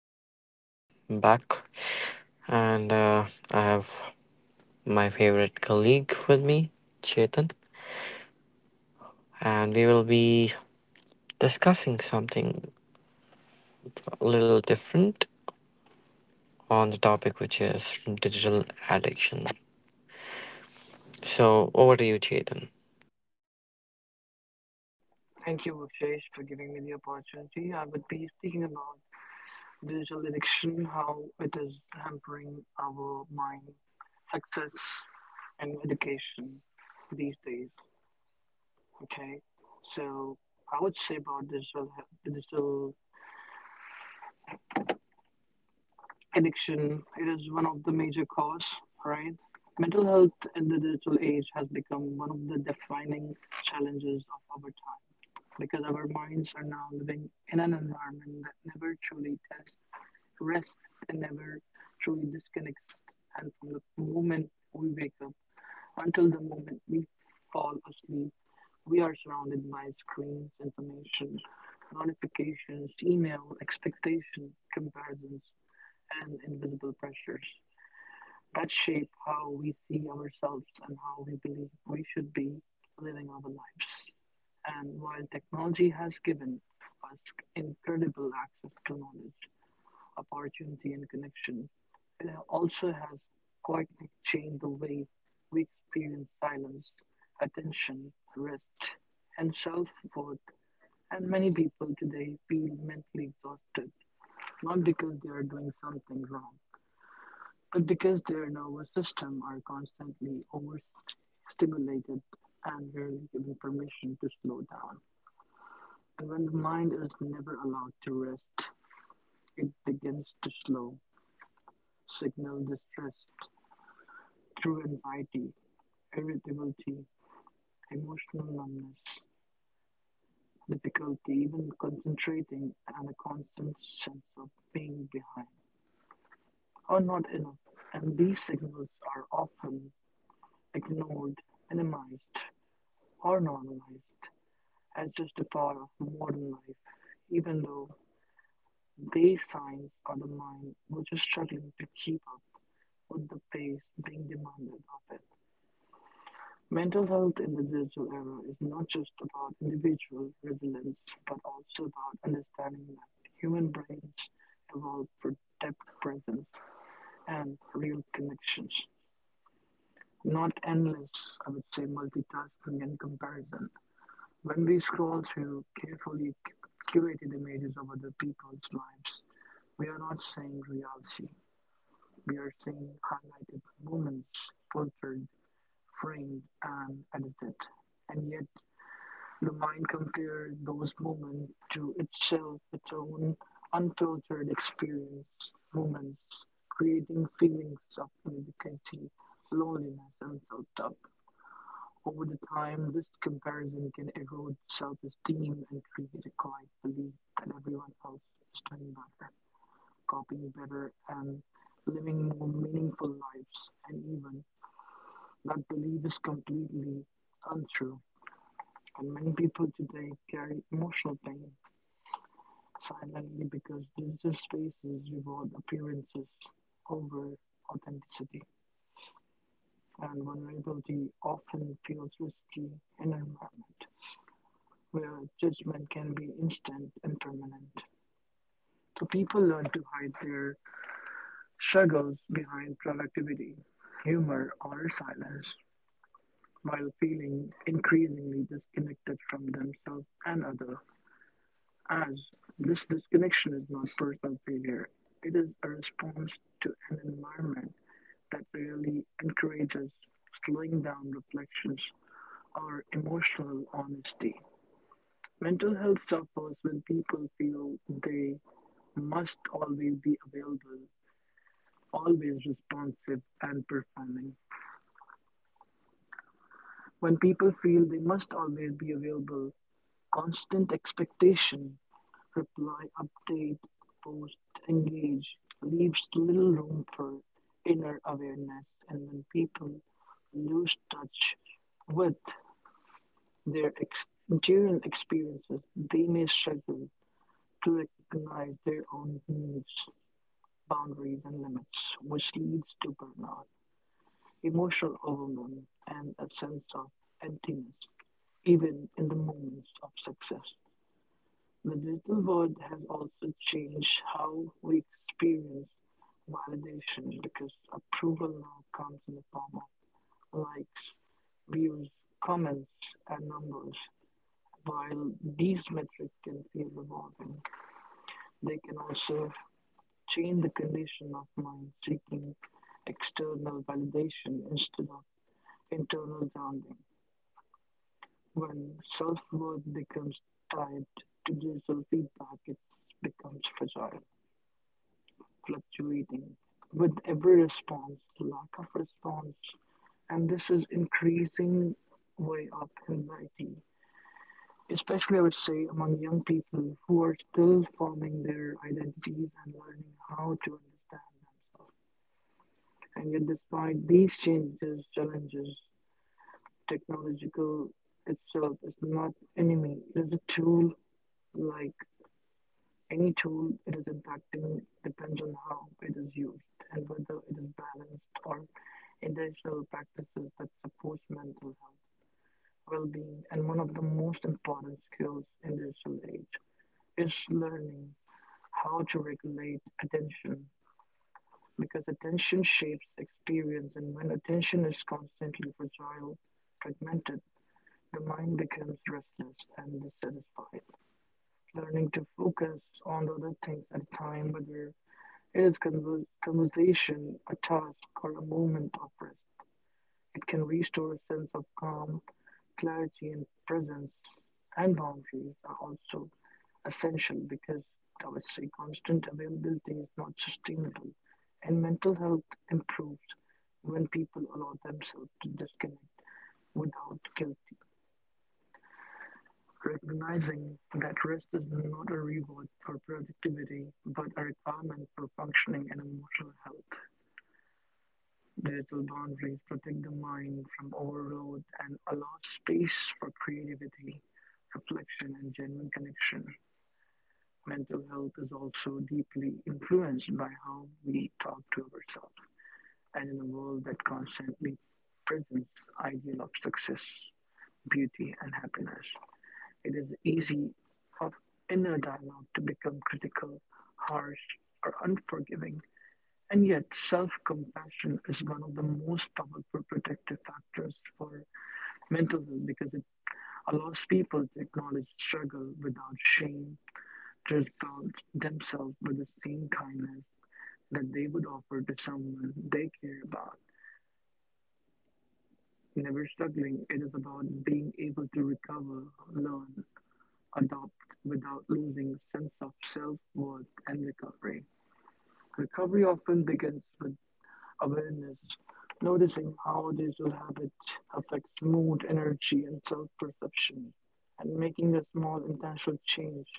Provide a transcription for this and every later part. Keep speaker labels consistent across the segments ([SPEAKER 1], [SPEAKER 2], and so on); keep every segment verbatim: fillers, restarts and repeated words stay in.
[SPEAKER 1] is Vishesh back, and uh, I have my favorite colleague with me, Chetan, and we will be discussing something a little different on the topic which is digital addiction. So, over to you, Chetan.
[SPEAKER 2] Thank you, Bhushesh, for giving me the opportunity. I would be speaking about digital addiction, how it is hampering our mind, success, and education these days. Okay, so I would say about digital he- digital addiction, it is one of the major cause. Right, mental health in the digital age has become one of the defining challenges of our time because our minds are now living in an environment that never truly tests rest and never truly disconnects and from the moment we wake up until the moment we fall asleep, we are surrounded by screens, information, notifications, email, expectation, comparisons, and invisible pressures that shape how we see ourselves and how we believe we should be living our lives. And while technology has given us incredible access to knowledge, opportunity and connection. It also has quietly changed the way we experience silence, attention, rest, and self worth. And many people today feel mentally exhausted, not because they are doing something wrong, but because their nervous system are constantly overstimulated and rarely given permission to slow down. And when the mind is never allowed to rest, it begins to slow, signal distress, through anxiety, irritability, emotional numbness, difficulty even concentrating, and a constant sense of being behind or not enough. And these signals are often ignored, minimized, or normalized as just a part of modern life, even though they signs are the mind which is struggling to keep up with the pace being demanded of it. Mental health in the digital era is not just about individual resilience, but also about understanding that human brains evolve for depth, presence, and real connections, not endless, I would say, multitasking and comparison. When we scroll through carefully curated images of other people's lives, we are not seeing reality. We are seeing highlighted moments, filtered, framed, and edited. And yet, the mind compared those moments to itself, its own unfiltered experience moments, creating feelings of inadequacy, loneliness, and self-doubt. Over the time, this comparison can erode self-esteem and create a quiet belief that everyone else is doing better, coping better, and living more meaningful lives. And even that belief is completely untrue. And many people today carry emotional pain silently, because digital spaces reward appearances over authenticity, and vulnerability often feels risky in an environment where judgment can be instant and permanent. So people learn to hide their struggles behind productivity, humor, or silence, while feeling increasingly disconnected from themselves and others. As this disconnection is not personal failure, it is a response to an environment that rarely encourages slowing down reflections or emotional honesty. Mental health suffers when people feel they must always be available, always responsive, and performing. When people feel they must always be available, constant expectation, reply update, post, engage leaves little room for inner awareness and when people lose touch with their ex- interior experiences, they may struggle to recognize their own needs, boundaries, and limits, which leads to burnout, emotional overwhelm, and a sense of emptiness, even in the moments of success. The digital world has also changed how we experience validation because approval now comes in the form of likes, views, comments, and numbers. While these metrics can feel rewarding, they can also change the condition of mind seeking external validation instead of internal grounding. When self worth becomes tied to digital feedback, it becomes fragile. Fluctuating with every response, the lack of response, and this is increasing way up anxiety, especially I would say among young people who are still forming their identities and learning how to understand themselves. And yet, despite these changes, challenges, technological itself is not enemy; it is a tool, like. Any tool it is impacting depends on how it is used and whether it is balanced or intentional practices that supports mental health, well-being, and one of the most important skills in digital age is learning how to regulate attention because attention shapes experience and when attention is constantly fragile, fragmented, the mind becomes restless and dissatisfied. Learning to focus on the other things at a time, whether it is conver- conversation, a task, or a moment of rest. It can restore a sense of calm, clarity, and presence. And boundaries are also essential because I would say constant availability is not sustainable, and mental health improves when people allow themselves to disconnect without guilt. Recognizing that rest is not a reward for productivity, but a requirement for functioning and emotional health. Digital boundaries protect the mind from overload and allow space for creativity, reflection, and genuine connection. Mental health is also deeply influenced by how we talk to ourselves. And in a world that constantly presents ideal of success, beauty, and happiness, it is easy for inner dialogue to become critical, harsh, or unforgiving. And yet, self-compassion is one of the most powerful protective factors for mental health because it allows people to acknowledge struggle without shame, to respond themselves with the same kindness that they would offer to someone they care about. Never struggling, it is about being able to recover, learn, adopt without losing sense of self-worth and recovery. Recovery often begins with awareness, noticing how digital habit affects mood, energy, and self perception, and making a small intentional change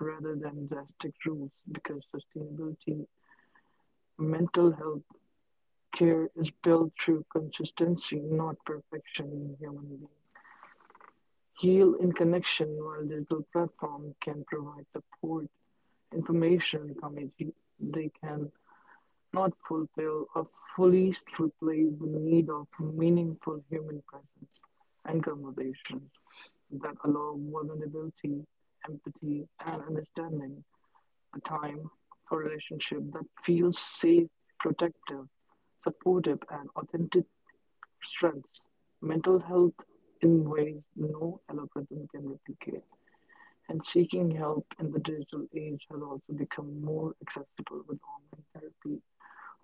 [SPEAKER 2] rather than drastic rules because sustainability, mental health care is built through consistency, not perfection in human beings. Heal in connection while digital platform can provide support, information, community. They can not fulfill or fully replace the need of meaningful human presence and conversations that allow vulnerability, empathy, and understanding, a time for relationship that feels safe, protective, supportive, and authentic strengths, mental health in ways no algorithm can replicate. And seeking help in the digital age has also become more accessible with online therapy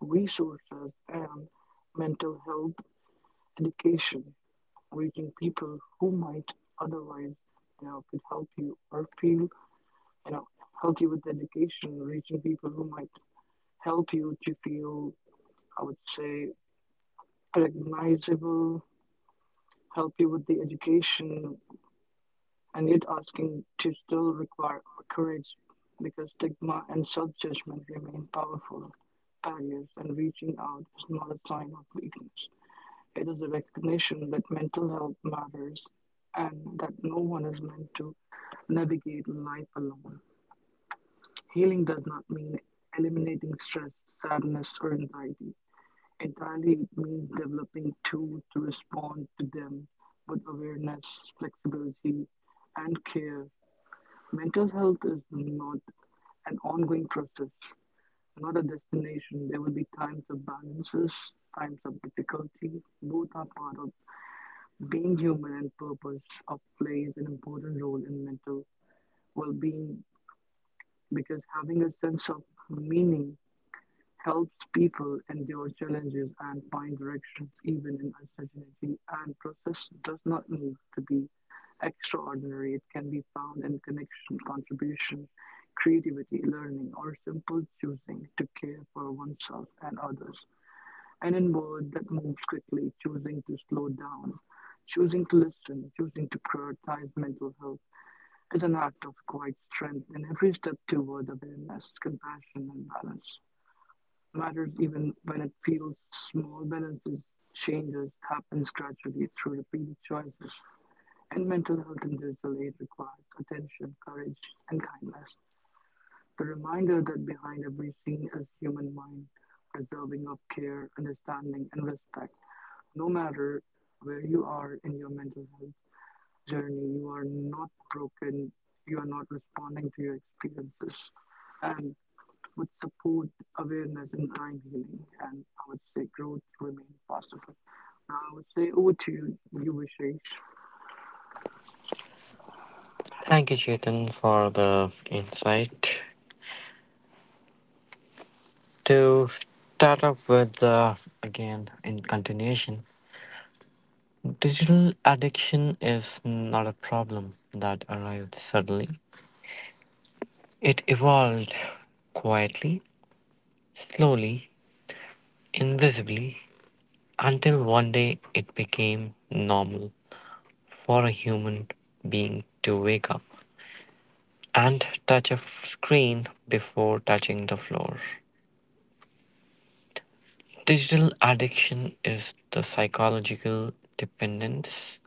[SPEAKER 2] resources and mental health education, reaching people who might otherwise, you know, could help you or feel, you know, healthy with education, reaching people who might help you to feel, I would say, recognizable, help you with the education, and yet asking to still require courage because stigma and self judgment remain powerful barriers, and reaching out is not a sign of weakness. It is a recognition that mental health matters and that no one is meant to navigate life alone. Healing does not mean eliminating stress, sadness, or anxiety. Entirely, it means developing tools to respond to them with awareness, flexibility, and care. Mental health is not an ongoing process, not a destination. There will be times of balances, times of difficulty. Both are part of being human and purpose of play an important role in mental well being because having a sense of meaning helps people endure challenges and find direction even in uncertainty. And process does not need to be extraordinary, it can be found in connection, contribution, creativity, learning, or simple choosing to care for oneself and others an inward that moves quickly, choosing to slow down, choosing to listen, choosing to prioritize mental health is an act of quiet strength in every step toward awareness, compassion, and balance. Matters even when it feels small balances changes happens gradually through repeated choices. And mental health and digital aid requires attention, courage, and kindness. The reminder that behind every scene is human mind, deserving of care, understanding, and respect. No matter where you are in your mental health journey, you are not broken, you are not responding to your experiences. And with support, awareness, and time healing, and I would say growth remain possible. Now I would say over to you, you Vishesh.
[SPEAKER 1] Thank you, Chetan, for the insight. To start off with, uh, again, in continuation, digital addiction is not a problem that arrived suddenly. It evolved quietly, slowly, invisibly, until one day it became normal for a human being to wake up and touch a screen before touching the floor. Digital addiction is the psychological dependence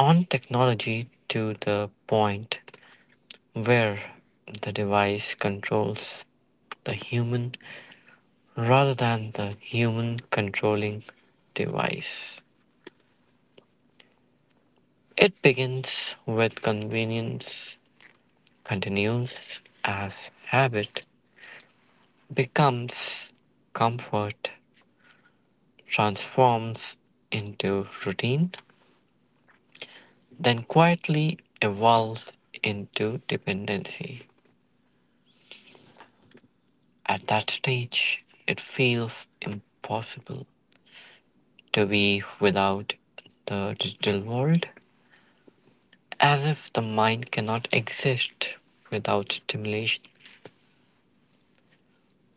[SPEAKER 1] on technology to the point where the device controls the human rather than the human controlling device. It begins with convenience, continues as habit, becomes comfort, transforms into routine, then quietly evolves into dependency. At that stage, it feels impossible to be without the digital world, as if the mind cannot exist without stimulation,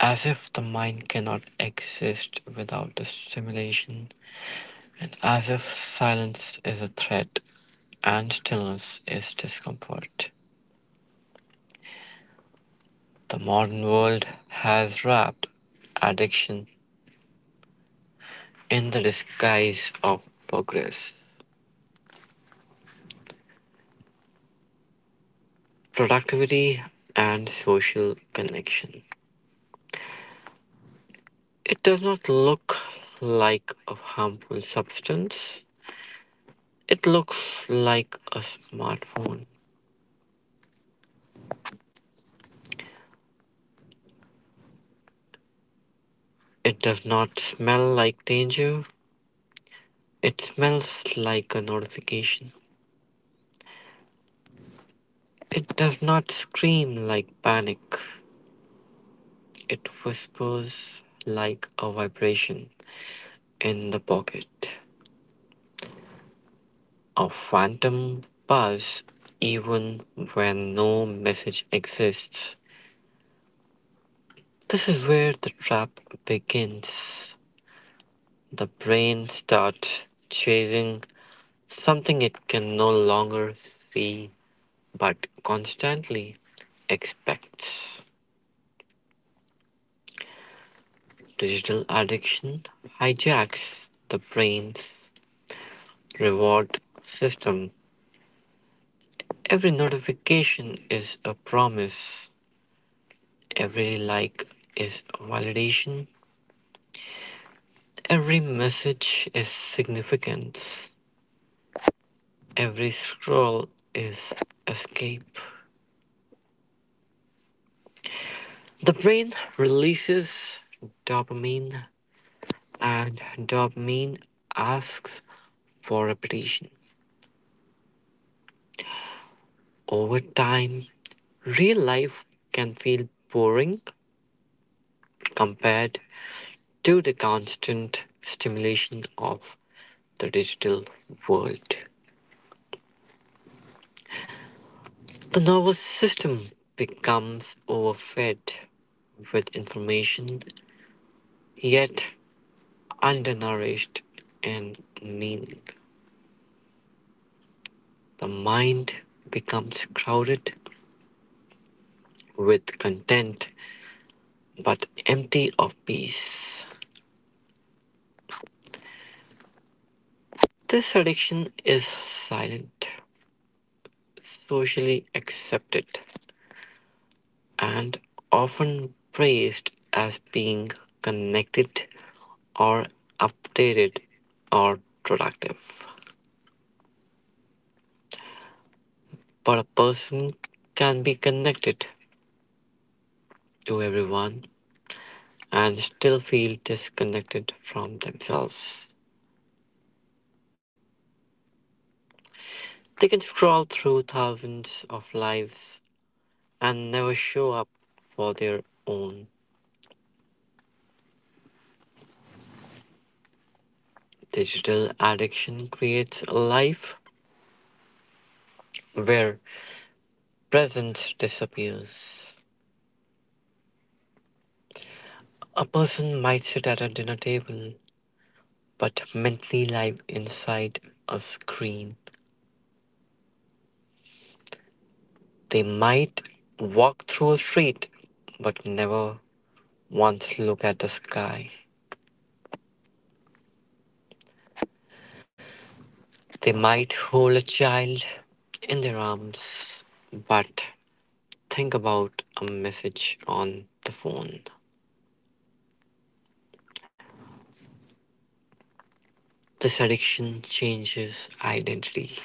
[SPEAKER 1] as if the mind cannot exist without the stimulation, and as if silence is a threat and stillness is discomfort. The modern world has wrapped addiction in the disguise of progress, productivity, and social connection. It does not look like a harmful substance. It looks like a smartphone. It does not smell like danger. It smells like a notification. It does not scream like panic. It whispers like a vibration in the pocket. A phantom buzz even when no message exists. This is where the trap begins. The brain starts chasing something it can no longer see but constantly expects. Digital addiction hijacks the brain's reward system. Every notification is a promise, every like is a validation, every message is significance, every scroll is escape. The brain releases dopamine, and dopamine asks for repetition. Over time, real life can feel boring compared to the constant stimulation of the digital world. The nervous system becomes overfed with information, yet undernourished in meaning. The mind becomes crowded with content but empty of peace. This addiction is silent, socially accepted, and often praised as being connected or updated or productive. But a person can be connected to everyone and still feel disconnected from themselves. They can scroll through thousands of lives and never show up for their own. Digital addiction creates a life where presence disappears. A person might sit at a dinner table but mentally live inside a screen. They might walk through a street but never once look at the sky. They might hold a child in their arms but think about a message on the phone. This addiction changes identity.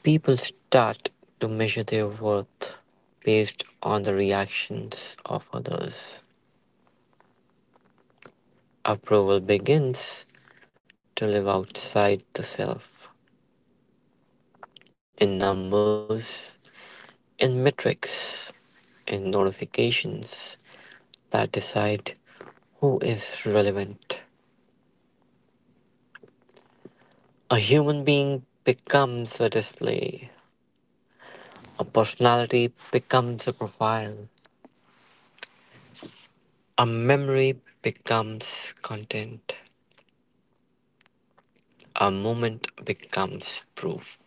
[SPEAKER 1] People start to measure their worth based on the reactions of others. Approval begins to live outside the self in numbers, in metrics, in notifications that decide who is relevant. A human being becomes a display, a personality becomes a profile, a memory becomes content, a moment becomes proof.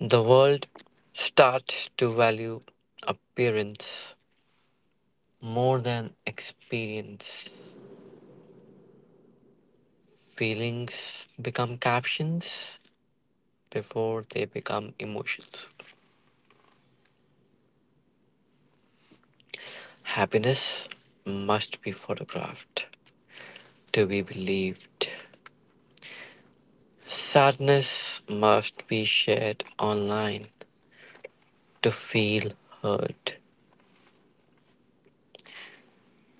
[SPEAKER 1] The world starts to value appearance more than experience. Feelings become captions before they become emotions. Happiness must be photographed to be believed. Sadness must be shared online to feel heard.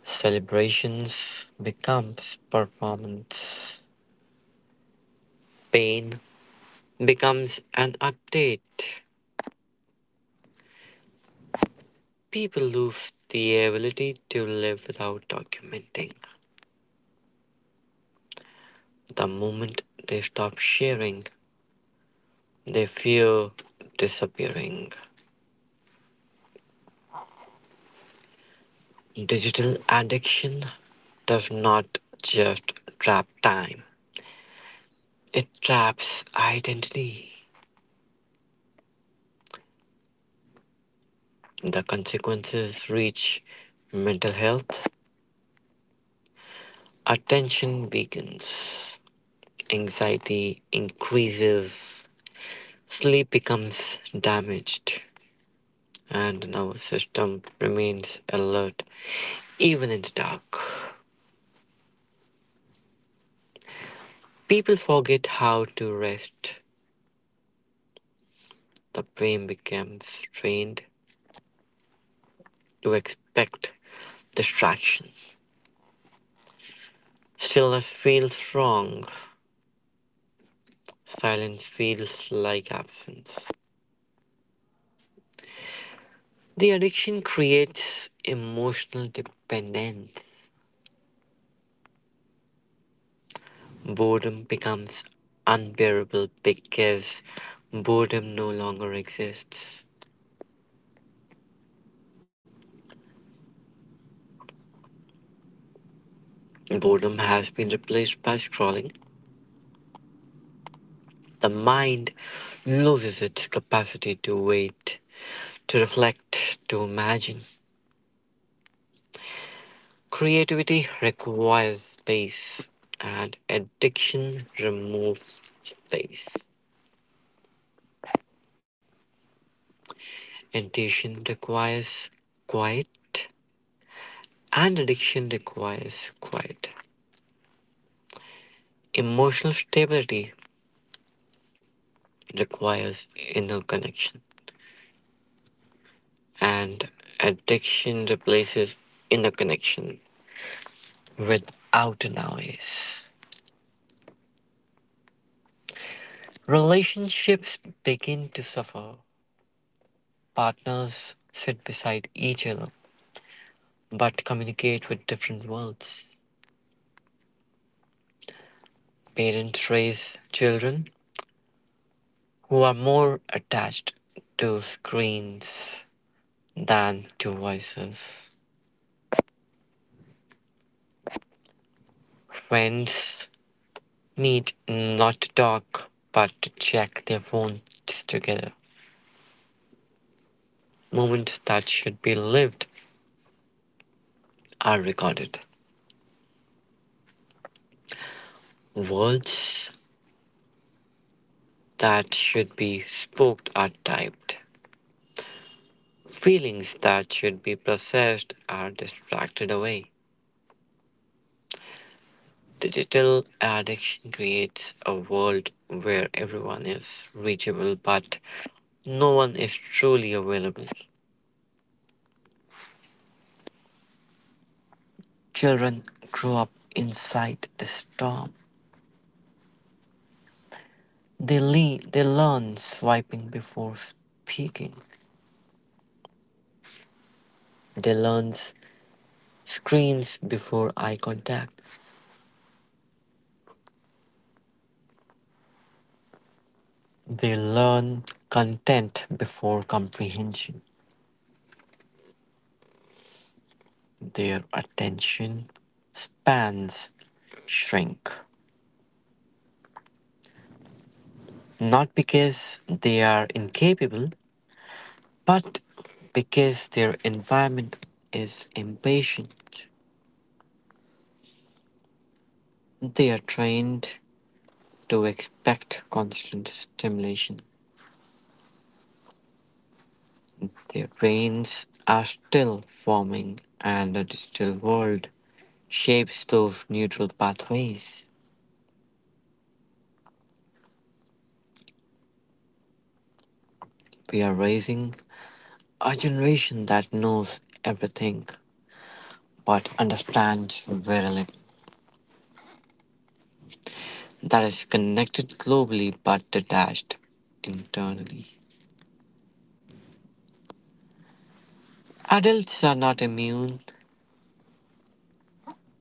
[SPEAKER 1] Celebrations becomes performance. Pain becomes an update. People lose the ability to live without documenting. The moment they stop sharing, they fear disappearing. Digital addiction does not just trap time, it traps identity. The consequences reach mental health, attention weakens, anxiety increases, sleep becomes damaged, and the nervous system remains alert even in the dark. People forget how to rest. The brain becomes trained to expect distraction. Stillness feels wrong. Silence feels like absence. The addiction creates emotional dependence. Boredom becomes unbearable because boredom no longer exists. Boredom has been replaced by scrolling. The mind loses its capacity to wait, to reflect, to imagine. Creativity requires space, and addiction removes space. Intention requires quiet, and addiction requires quiet. Emotional stability requires inner connection, and addiction replaces inner connection without noise. Relationships begin to suffer. Partners sit beside each other but communicate with different worlds. Parents raise children who are more attached to screens than to voices. Friends meet not to talk but to check their phones together. Moments that should be lived are recorded. Words that should be spoken are typed. Feelings that should be processed are distracted away. Digital addiction creates a world where everyone is reachable but no one is truly available. Children grow up inside the storm. They, le- they learn swiping before speaking. They learn screens before eye contact. They learn content before comprehension. Their attention spans shrink. Not because they are incapable, but because their environment is impatient. They are trained to expect constant stimulation. Their brains are still forming, and a digital world shapes those neural pathways. We are raising a generation that knows everything but understands very little, that is connected globally but detached internally. Adults are not immune,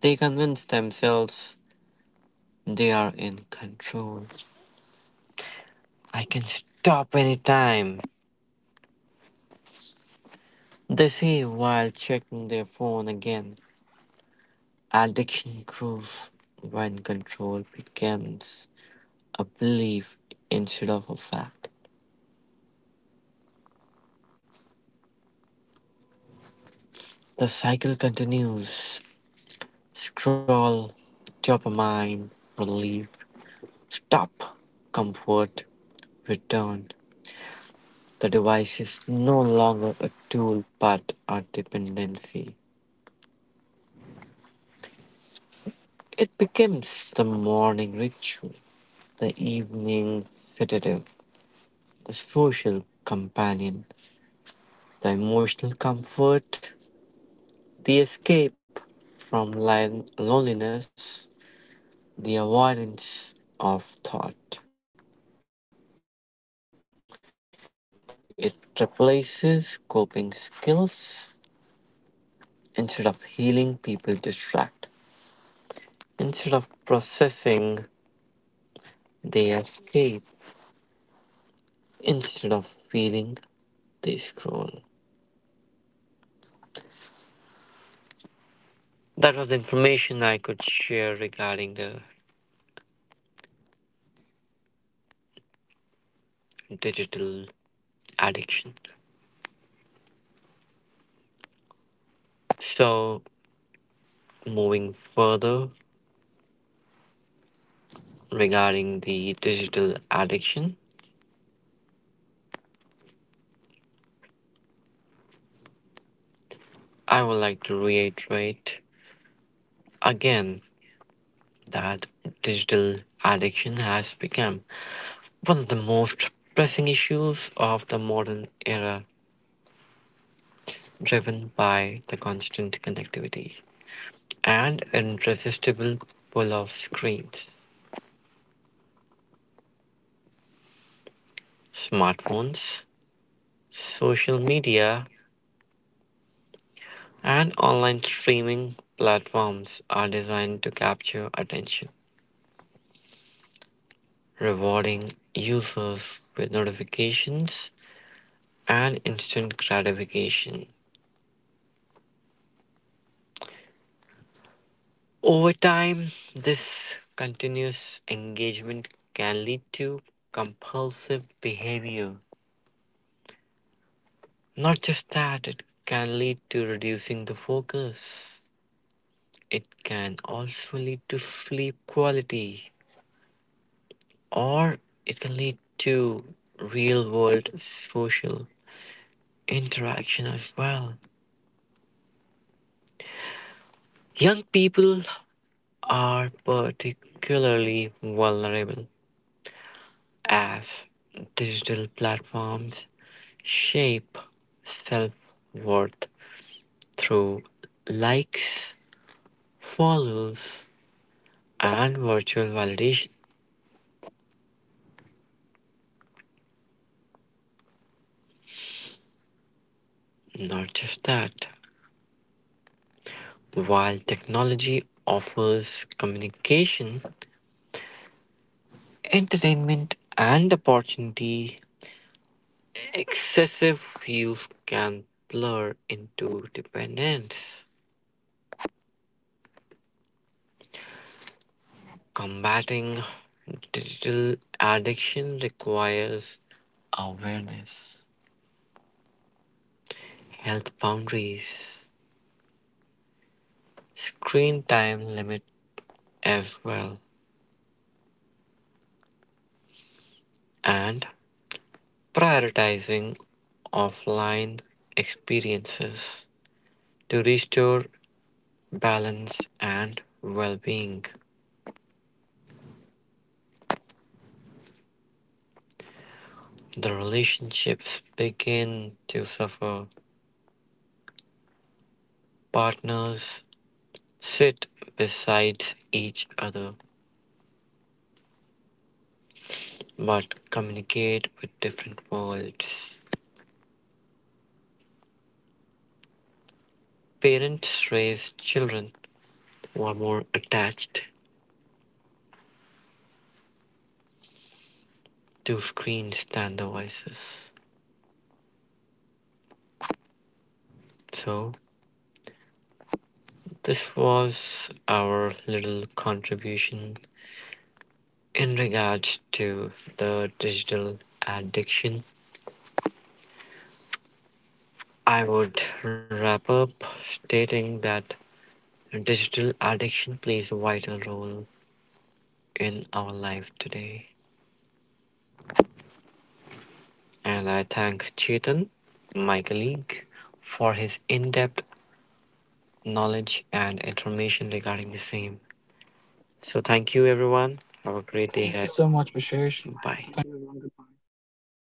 [SPEAKER 1] they convince themselves they are in control. I can stop anytime, they say while checking their phone again. Addiction grows when control becomes a belief instead of a fact. The cycle continues: scroll, dopamine, relief, stop, comfort, return. The device is no longer a tool but a dependency. It becomes the morning ritual, the evening sedative, the social companion, the emotional comfort, the escape from lon- loneliness, the avoidance of thought. It replaces coping skills. Instead of healing, people distract. Instead of processing, they escape. Instead of feeling, they scroll. That was the information I could share regarding the digital addiction. So, moving further regarding the digital addiction, I would like to reiterate again that digital addiction has become one of the most pressing issues of the modern era, driven by the constant connectivity and irresistible pull of screens. Smartphones, social media, and online streaming platforms are designed to capture attention, rewarding users with notifications and instant gratification. Over time, this continuous engagement can lead to compulsive behavior. Not just that, it can lead to reducing the focus, it can also lead to sleep quality, or it can lead to real world social interaction as well. Young people are particularly vulnerable as digital platforms shape self worth through likes, follows, and virtual validation. Not just that, while technology offers communication, entertainment, and opportunity, excessive use can blur into dependence. Combating digital addiction requires awareness, health boundaries, screen time limit as well, and prioritizing offline experiences to restore balance, and well being. The relationships begin to suffer. Partners sit beside each other but communicate with different worlds. Parents raise children who are more attached to screens than devices. So, this was our little contribution in regards to the digital addiction. I would wrap up stating that digital addiction plays a vital role in our life today. And I thank Chetan, my colleague, for his in depth knowledge and information regarding the same. So, thank you, everyone. Have
[SPEAKER 2] Great.
[SPEAKER 1] a great
[SPEAKER 2] Thank you
[SPEAKER 1] day. Thank
[SPEAKER 2] so
[SPEAKER 1] you ahead.
[SPEAKER 2] much,
[SPEAKER 1] So
[SPEAKER 2] for
[SPEAKER 1] much,
[SPEAKER 2] sharing.
[SPEAKER 1] Vishesh.
[SPEAKER 2] Thank you,
[SPEAKER 1] Bye.
[SPEAKER 2] everyone. Goodbye.